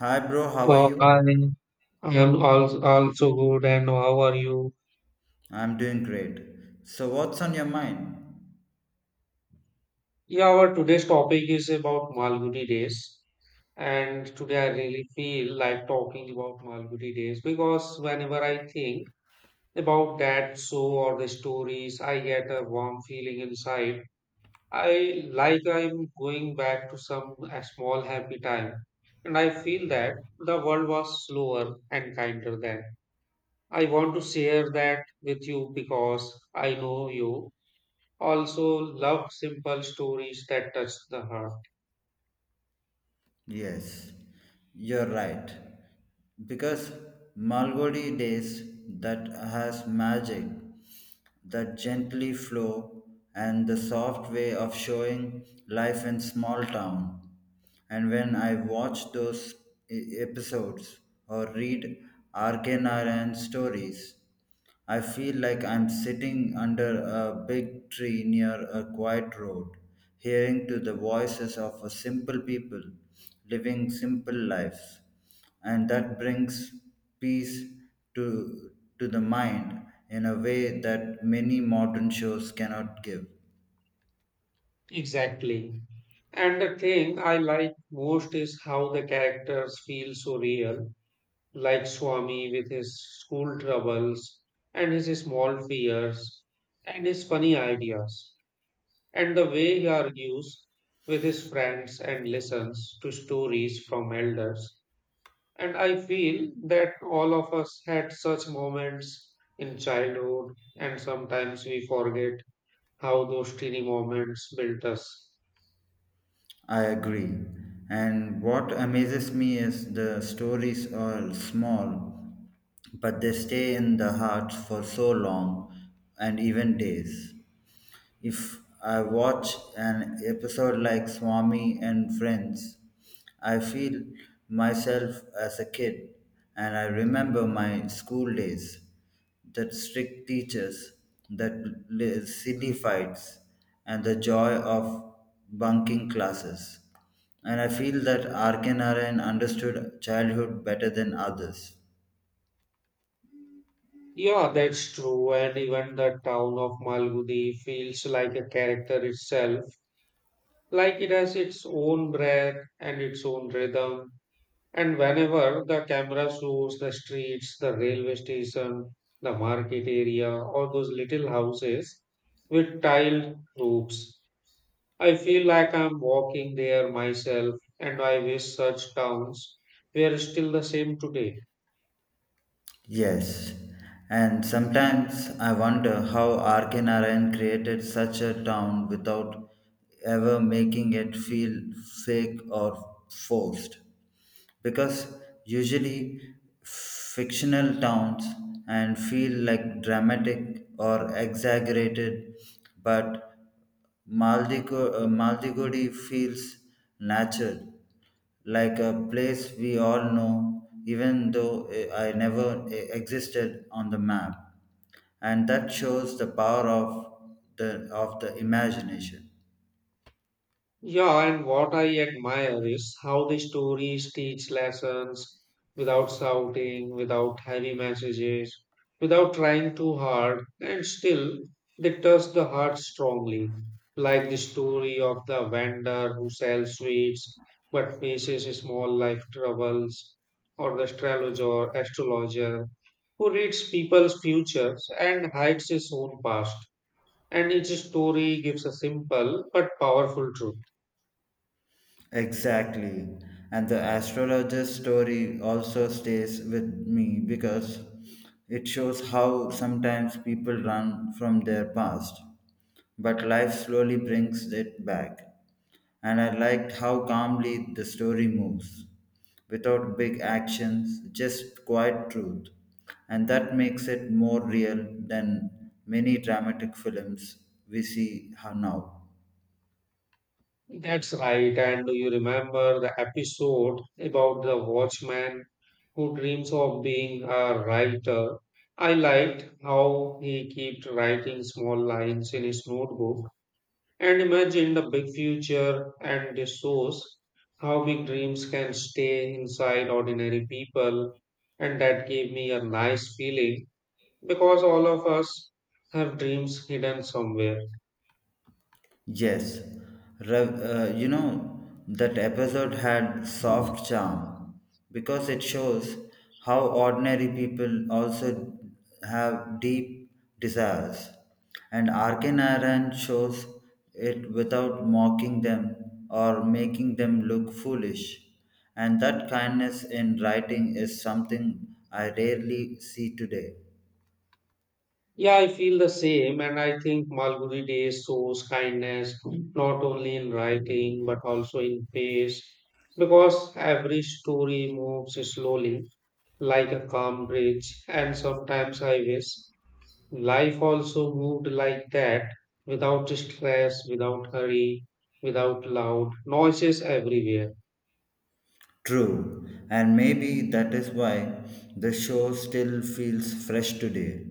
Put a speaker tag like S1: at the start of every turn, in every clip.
S1: Hi, bro. How are
S2: Uh,
S1: you?
S2: hi, I am also good, and how are you?
S1: I'm doing great. So, what's on your mind?
S2: Yeah, our today's topic is about Malgudi days, and today I really feel like talking about Malgudi days because whenever I think about that show or the stories, I get a warm feeling inside. I like I'm going back to some a small happy time, and I feel that the world was slower and kinder then. I want to share that with you because I know you also love simple stories that touch the heart.
S1: Yes, you're right. Because Malgodi days that has magic, that gently flow, and the soft way of showing life in small town. And when I watch those episodes or read Arcane Iron stories, I feel like I'm sitting under a big tree near a quiet road, hearing to the voices of a simple people living simple lives. And that brings peace to, to the mind in a way that many modern shows cannot give.
S2: Exactly. And the thing I like most is how the characters feel so real, like Swami with his school troubles and his small fears and his funny ideas, and the way he argues with his friends and listens to stories from elders. And I feel that all of us had such moments in childhood, and sometimes we forget how those teeny moments built us.
S1: I agree. And what amazes me is the stories are small, but they stay in the hearts for so long and even days. If I watch an episode like Swami and Friends, I feel myself as a kid and I remember my school days, that strict teachers, that silly fights, and the joy of bunking classes. And I feel that Arkin Narayan understood childhood better than others.
S2: Yeah, that's true. And even the town of Malgudi feels like a character itself, like it has its own breath and its own rhythm. And whenever the camera shows the streets, the railway station, the market area, or those little houses with tiled roofs, I feel like I'm walking there myself. And I wish such towns were still the same today.
S1: Yes, and sometimes I wonder how Arkanarayan created such a town without ever making it feel fake or forced. Because usually fictional towns and feel like dramatic or exaggerated, but Maldigudi feels natural, like a place we all know, even though I never existed on the map. And that shows the power of of the imagination.
S2: Yeah, and what I admire is how the stories teach lessons without shouting, without heavy messages, without trying too hard, and still they touch the heart strongly. Like the story of the vendor who sells sweets but faces small life troubles, or the astrologer who reads people's futures and hides his own past. And each story gives a simple but powerful truth.
S1: Exactly. And the astrologer's story also stays with me because it shows how sometimes people run from their past, but life slowly brings it back. And I liked how calmly the story moves, without big actions, just quiet truth. And that makes it more real than many dramatic films we see now.
S2: That's right. And do you remember the episode about the watchman who dreams of being a writer? I liked how he kept writing small lines in his notebook and imagined a big future, and this shows how big dreams can stay inside ordinary people. And that gave me a nice feeling because all of us have dreams hidden somewhere.
S1: Yes, Rev, that episode had soft charm because it shows how ordinary people also have deep desires. And Arkin Iran shows it without mocking them or making them look foolish. And that kindness in writing is something I rarely see today.
S2: Yeah, I feel the same, and I think Malgudi Days shows kindness not only in writing but also in pace because every story moves slowly like a calm bridge, and sometimes I wish life also moved like that without stress, without hurry, without loud noises everywhere.
S1: True, and maybe that is why the show still feels fresh today.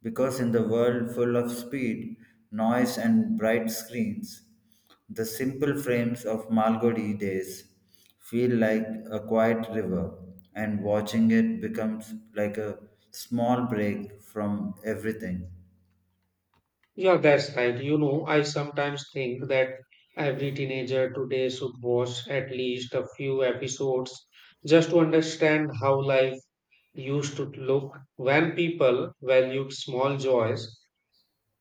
S1: Because in the world full of speed, noise, and bright screens, the simple frames of Malgudi days feel like a quiet river, and watching it becomes like a small break from everything.
S2: Yeah, that's right. You know, I sometimes think that every teenager today should watch at least a few episodes just to understand how life used to look when people valued small joys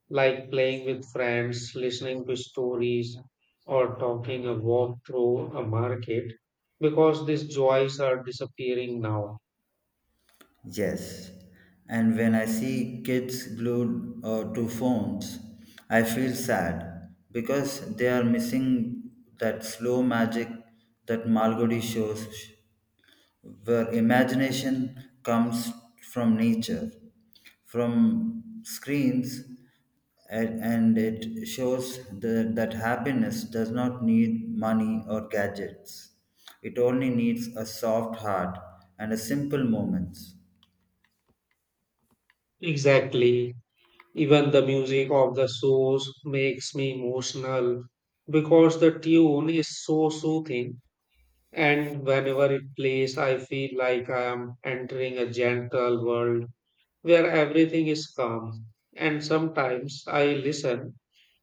S2: like playing with friends, listening to stories, or talking a walk through a market because these joys are disappearing now.
S1: Yes, and when I see kids glued to phones, I feel sad because they are missing that slow magic that Malgudi shows, where imagination comes from nature, from screens, and it shows that happiness does not need money or gadgets. It only needs a soft heart and a simple moments.
S2: Exactly. Even the music of the shows makes me emotional because the tune is so soothing, and whenever it plays, I feel like I am entering a gentle world where everything is calm. And sometimes I listen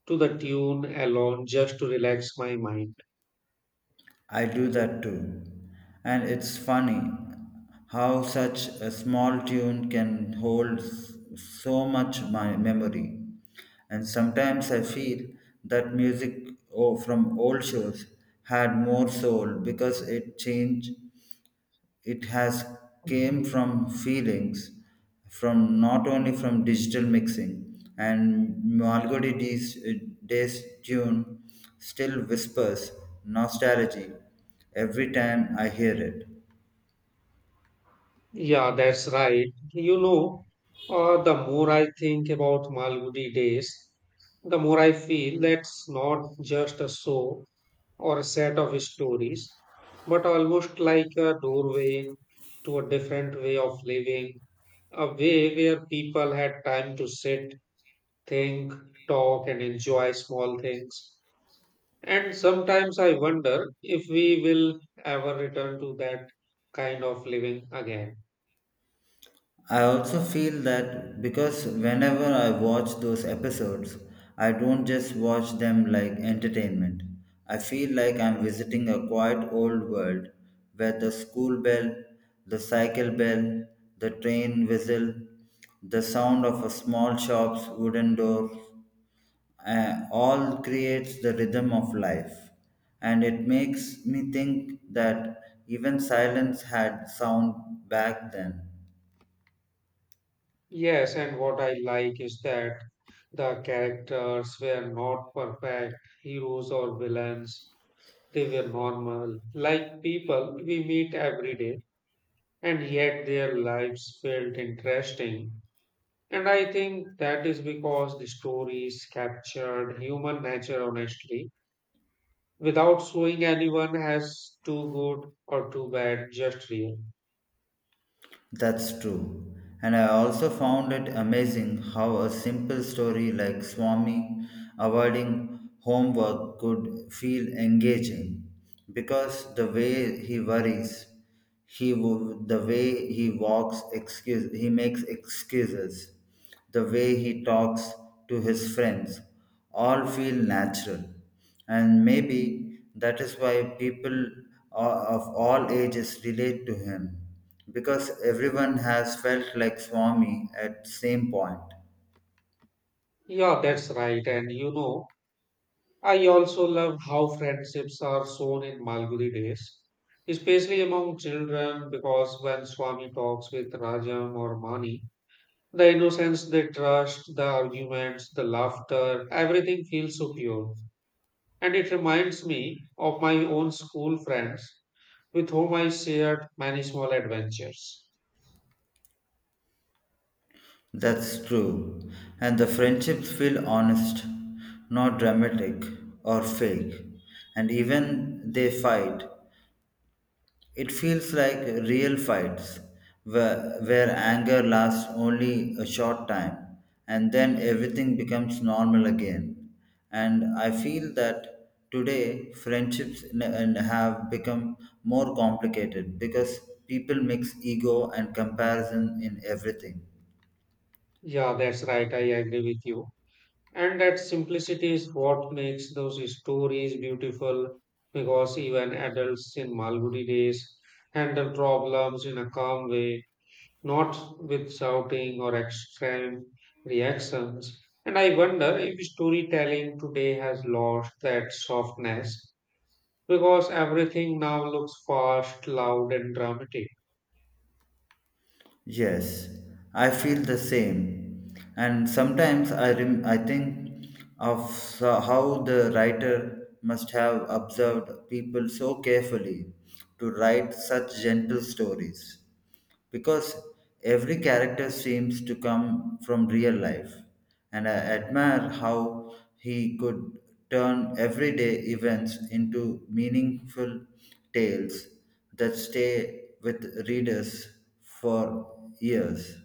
S2: to the tune alone just to relax my mind.
S1: I do that too. And it's funny how such a small tune can hold so much my memory. And sometimes I feel that music from old shows had more soul because it changed it has came from feelings from not only from digital mixing and Malgodi's day's tune still whispers nostalgia every time I hear it.
S2: Yeah, that's right. You know, the more I think about Malgudi days, the more I feel that's not just a show, or a set of stories, but almost like a doorway to a different way of living, a way where people had time to sit, think, talk, and enjoy small things. And sometimes I wonder if we will ever return to that kind of living again.
S1: I also feel that because whenever I watch those episodes, I don't just watch them like entertainment. I feel like I'm visiting a quiet old world where the school bell, the cycle bell, the train whistle, the sound of a small shop's wooden door all creates the rhythm of life and it makes me think that even silence had sound back then.
S2: Yes, and what I like is that the characters were not perfect heroes or villains. They were normal, like people we meet every day, and yet their lives felt interesting. And I think that is because the stories captured human nature honestly, without showing anyone as too good or too bad, just real.
S1: That's true. And I also found it amazing how a simple story like Swami avoiding homework could feel engaging because the way he worries, the way he walks, excuse he makes excuses, the way he talks to his friends all feel natural and maybe that is why people of all ages relate to him because everyone has felt like swami at same point.
S2: Yeah, that's right. And you know, I also love how friendships are shown in Malgudi days, especially among children, because when Swami talks with Rajam or Mani, the innocence, the trust, the arguments, the laughter, everything feels so pure. And it reminds me of my own school friends with whom I shared many small adventures.
S1: That's true and the friendships feel honest not dramatic or fake and even they fight. It feels like real fights where anger lasts only a short time and then everything becomes normal again. And I feel that today friendships n- and have become more complicated because people mix ego and comparison in everything.
S2: Yeah, that's right, I agree with you. And that simplicity is what makes those stories beautiful because even adults in Malgudi days handle problems in a calm way, not with shouting or extreme reactions. And I wonder if storytelling today has lost that softness because everything now looks fast, loud, and dramatic.
S1: Yes, I feel the same. And I think of how the writer must have observed people so carefully to write such gentle stories. Because every character seems to come from real life. And I admire how he could turn everyday events into meaningful tales that stay with readers for years.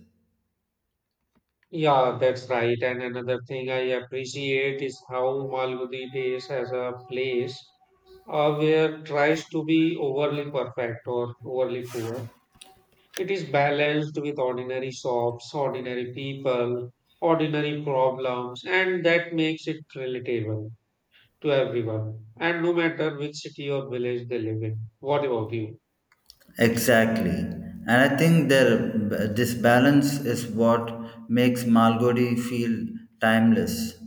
S2: Yeah, that's right. And another thing I appreciate is how Malgudi Days as a place where tries to be overly perfect or overly poor. It is balanced with ordinary shops, ordinary people, ordinary problems, and that makes it relatable to everyone, and no matter which city or village they live in. What about you?
S1: Exactly. And I think this balance is what makes Malgodi feel timeless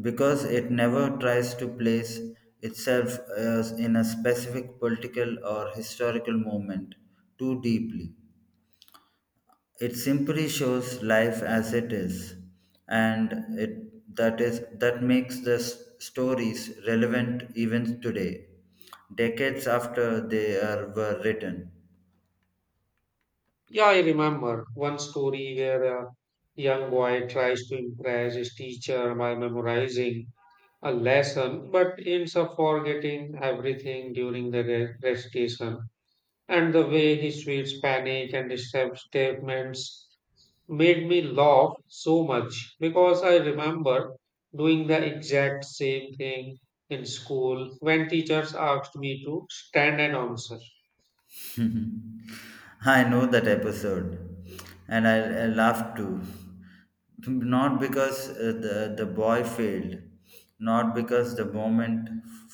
S1: because it never tries to place itself as in a specific political or historical moment too deeply. It simply shows life as it is, and it, that is that makes the stories relevant even today, decades after were written.
S2: Yeah, I remember one story where a young boy tries to impress his teacher by memorizing a lesson but ends up forgetting everything during the recitation. And the way he treats panic and his statements made me laugh so much because I remember doing the exact same thing in school when teachers asked me to stand and answer.
S1: I know that episode, and I laughed too. Not because the boy failed, not because the moment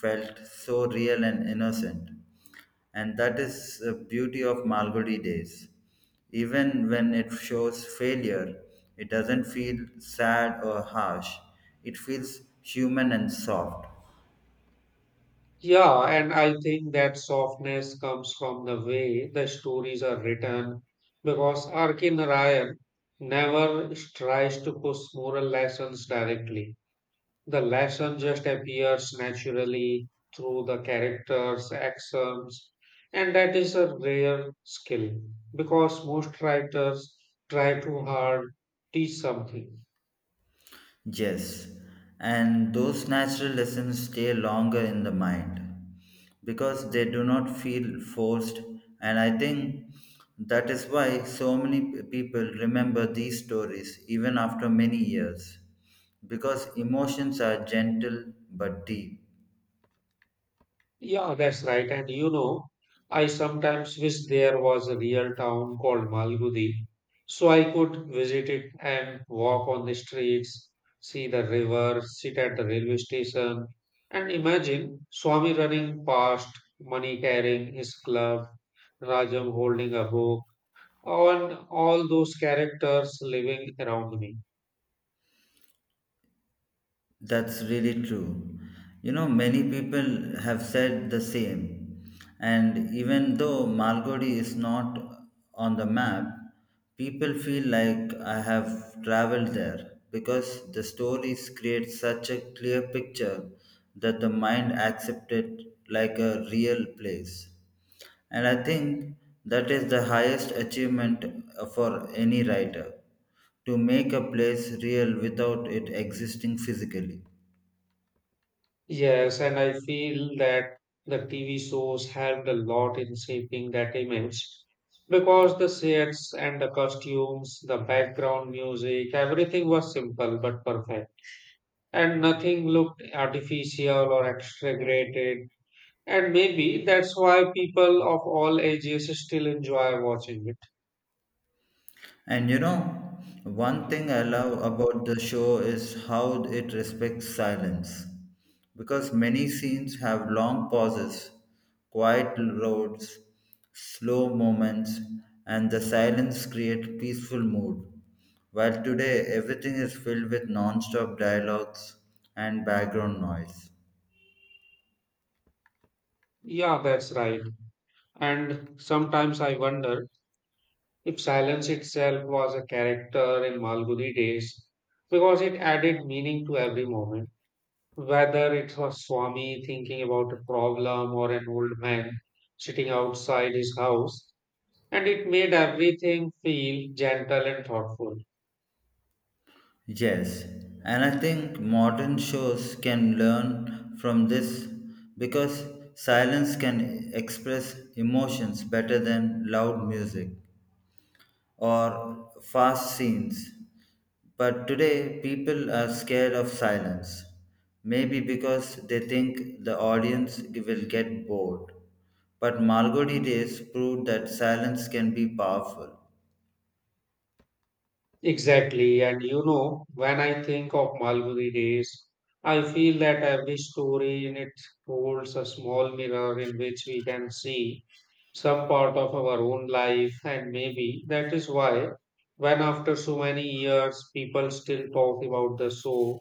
S1: felt so real and innocent, and that is the beauty of Malgudi days. Even when it shows failure, it doesn't feel sad or harsh. It feels human and soft.
S2: Yeah, and I think that softness comes from the way the stories are written because R.K. Narayan never tries to push moral lessons directly. The lesson just appears naturally through the characters' actions, and that is a rare skill because most writers try too hard, teach something.
S1: Yes, and those natural lessons stay longer in the mind because they do not feel forced, and I think that is why so many people remember these stories even after many years because emotions are gentle but deep.
S2: Yeah, that's right. And you know, I sometimes wish there was a real town called Malgudi, so I could visit it and walk on the streets, see the river, sit at the railway station, and imagine Swami running past, money carrying his club, Rajam holding a book, and all those characters living around me.
S1: That's really true. You know, many people have said the same. And even though Malgudi is not on the map, people feel like I have traveled there because the stories create such a clear picture that the mind accepts it like a real place. And I think that is the highest achievement for any writer to make a place real without it existing physically.
S2: Yes, and I feel that the TV shows helped a lot in shaping that image because the sets and the costumes, the background music, everything was simple but perfect, and nothing looked artificial or exaggerated. And maybe that's why people of all ages still enjoy watching it.
S1: And you know, one thing I love about the show is how it respects silence. Because many scenes have long pauses, quiet roads, slow moments, and the silence create peaceful mood. While today everything is filled with non-stop dialogues and background noise.
S2: Yeah, that's right. And sometimes I wonder if silence itself was a character in Malgudi days, because it added meaning to every moment, whether it was Swami thinking about a problem or an old man sitting outside his house, and it made everything feel gentle and thoughtful.
S1: Yes, and I think modern shows can learn from this because silence can express emotions better than loud music or fast scenes. But today, people are scared of silence, maybe because they think the audience will get bored. But Margot Days proved that silence can be powerful.
S2: Exactly. And you know, when I think of Malgudi days, I feel that every story in it holds a small mirror in which we can see some part of our own life. And maybe that is why, when after so many years, people still talk about the show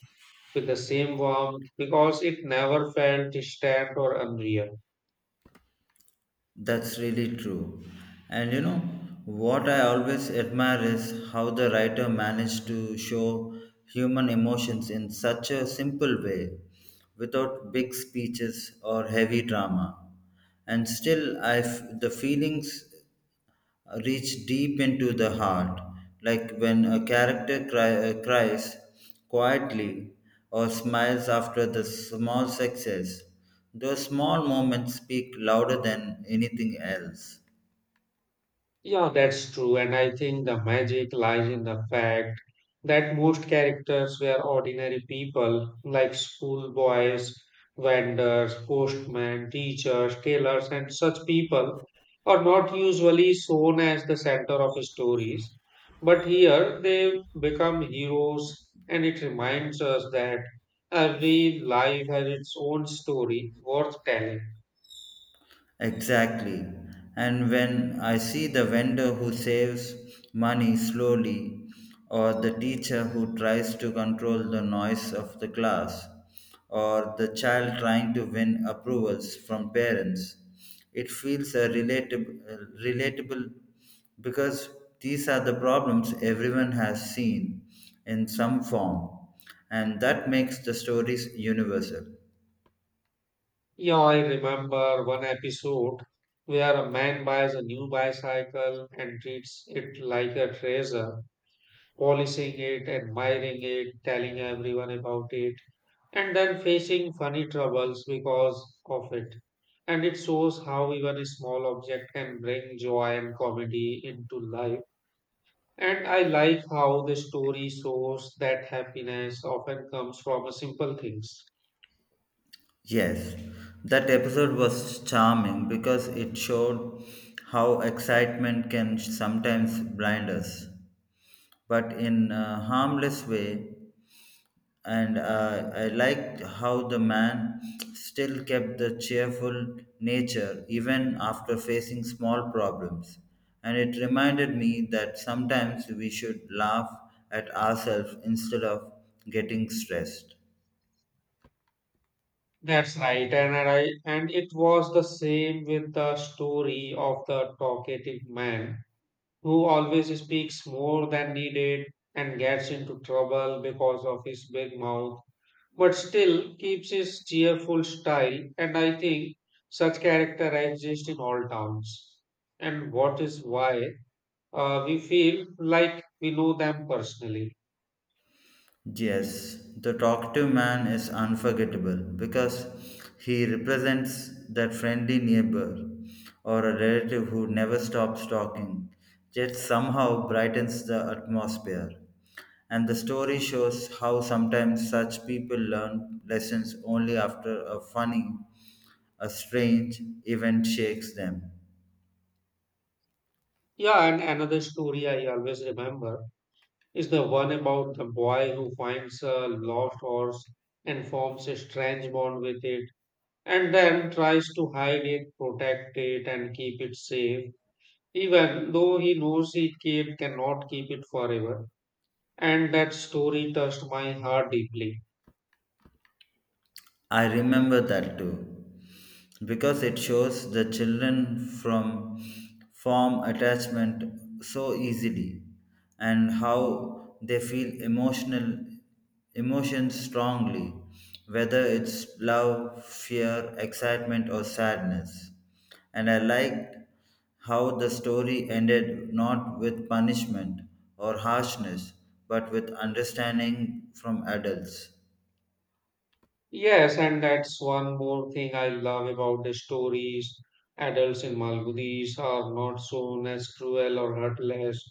S2: with the same warmth because it never felt distant or unreal.
S1: That's really true. And you know, what I always admire is how the writer managed to show human emotions in such a simple way, without big speeches or heavy drama. And still, the feelings reach deep into the heart, like when a character cries quietly or smiles after the small success. Those small moments speak louder than anything else.
S2: Yeah, that's true. And I think the magic lies in the fact that most characters were ordinary people like schoolboys, vendors, postmen, teachers, tailors, and such people are not usually shown as the center of stories. But here they become heroes, and it reminds us that every life has its own story worth telling.
S1: Exactly. And when I see the vendor who saves money slowly, or the teacher who tries to control the noise of the class, or the child trying to win approvals from parents, it feels a relatable because these are the problems everyone has seen in some form, and that makes the stories universal.
S2: Yeah, I remember one episode where a man buys a new bicycle and treats it like a treasure, polishing it, admiring it, telling everyone about it, and then facing funny troubles because of it. And it shows how even a small object can bring joy and comedy into life. And I like how the story shows that happiness often comes from a simple things.
S1: Yes, that episode was charming because it showed how excitement can sometimes blind us, but in a harmless way. And I liked how the man still kept the cheerful nature even after facing small problems. And it reminded me that sometimes we should laugh at ourselves instead of getting stressed.
S2: That's right, and I and it was the same with the story of the talkative man who always speaks more than needed and gets into trouble because of his big mouth, but still keeps his cheerful style. And I think such character exist in all towns, and what is why we feel like we know them personally.
S1: Yes, the talkative man is unforgettable because he represents that friendly neighbor or a relative who never stops talking, yet somehow brightens the atmosphere. And the story shows how sometimes such people learn lessons only after a strange event shakes them.
S2: Yeah, and another story I always remember is the one about the boy who finds a lost horse and forms a strange bond with it and then tries to hide it, protect it, and keep it safe, even though he knows he kid cannot keep it forever. And that story touched my heart deeply.
S1: I remember that too, because it shows the children from form attachment so easily and how they feel emotional emotions strongly, whether it's love, fear, excitement, or sadness. And I liked how the story ended not with punishment or harshness, but with understanding from adults.
S2: Yes, and that's one more thing I love about the stories. Adults in Malgudis are not shown as cruel or heartless.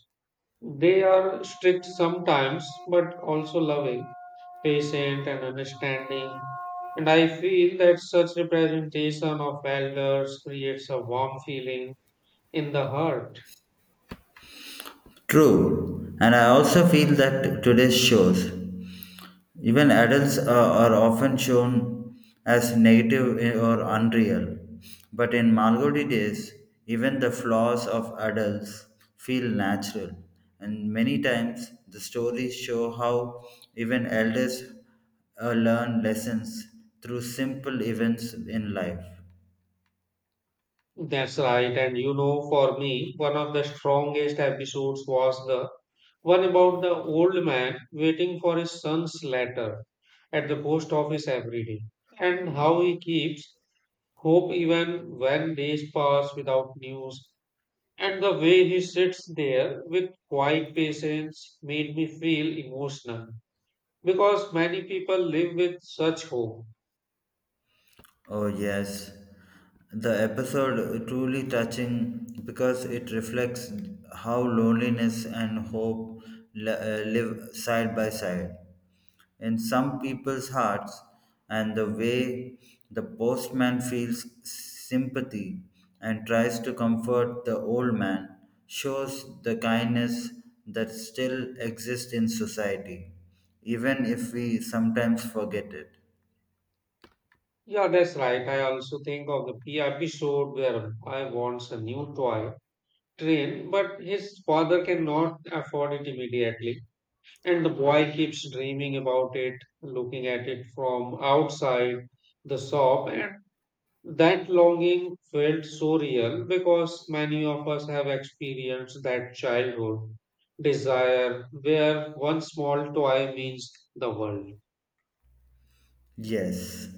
S2: They are strict sometimes, but also loving, patient and understanding. And I feel that such representation of elders creates a warm feeling in the heart.
S1: True, and I also feel that today's shows, even adults are often shown as negative, or unreal. But in Malgodi days, even the flaws of adults feel natural, and many times the stories show how even elders learn lessons through simple events in life.
S2: That's right. And you know, for me, one of the strongest episodes was the one about the old man waiting for his son's letter at the post office every day and how he keeps hope even when days pass without news. And the way he sits there with quiet patience made me feel emotional because many people live with such hope.
S1: Oh, yes. The episode truly touching because it reflects how loneliness and hope live side by side in some people's hearts, and the way the postman feels sympathy and tries to comfort the old man shows the kindness that still exists in society, even if we sometimes forget it.
S2: Yeah, that's right. I also think of the P episode where I wants a new toy train, but his father cannot afford it immediately. And the boy keeps dreaming about it, looking at it from outside the shop, and that longing felt so real because many of us have experienced that childhood desire where one small toy means the world.
S1: Yes,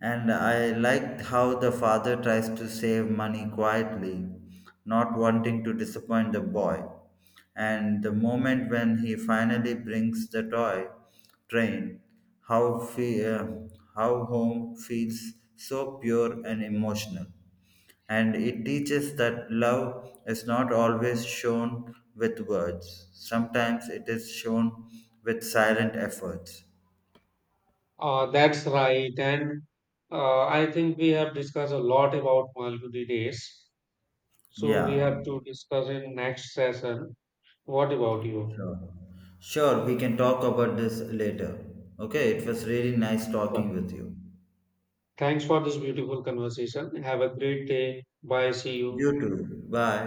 S1: and I liked how the father tries to save money quietly, not wanting to disappoint the boy. And the moment when he finally brings the toy train, how, fe- uh, how home feels so pure and emotional. And it teaches that love is not always shown with words, sometimes it is shown with silent efforts.
S2: That's right. And I think we have discussed a lot about Malgudi days. So we
S1: Yeah.
S2: have to discuss in next session. What about you?
S1: Sure. Sure, we can talk about this later. Okay, it was really nice
S2: Sure.
S1: talking with you.
S2: Thanks for this beautiful conversation. Have a great day. Bye. See you.
S1: You too. Bye.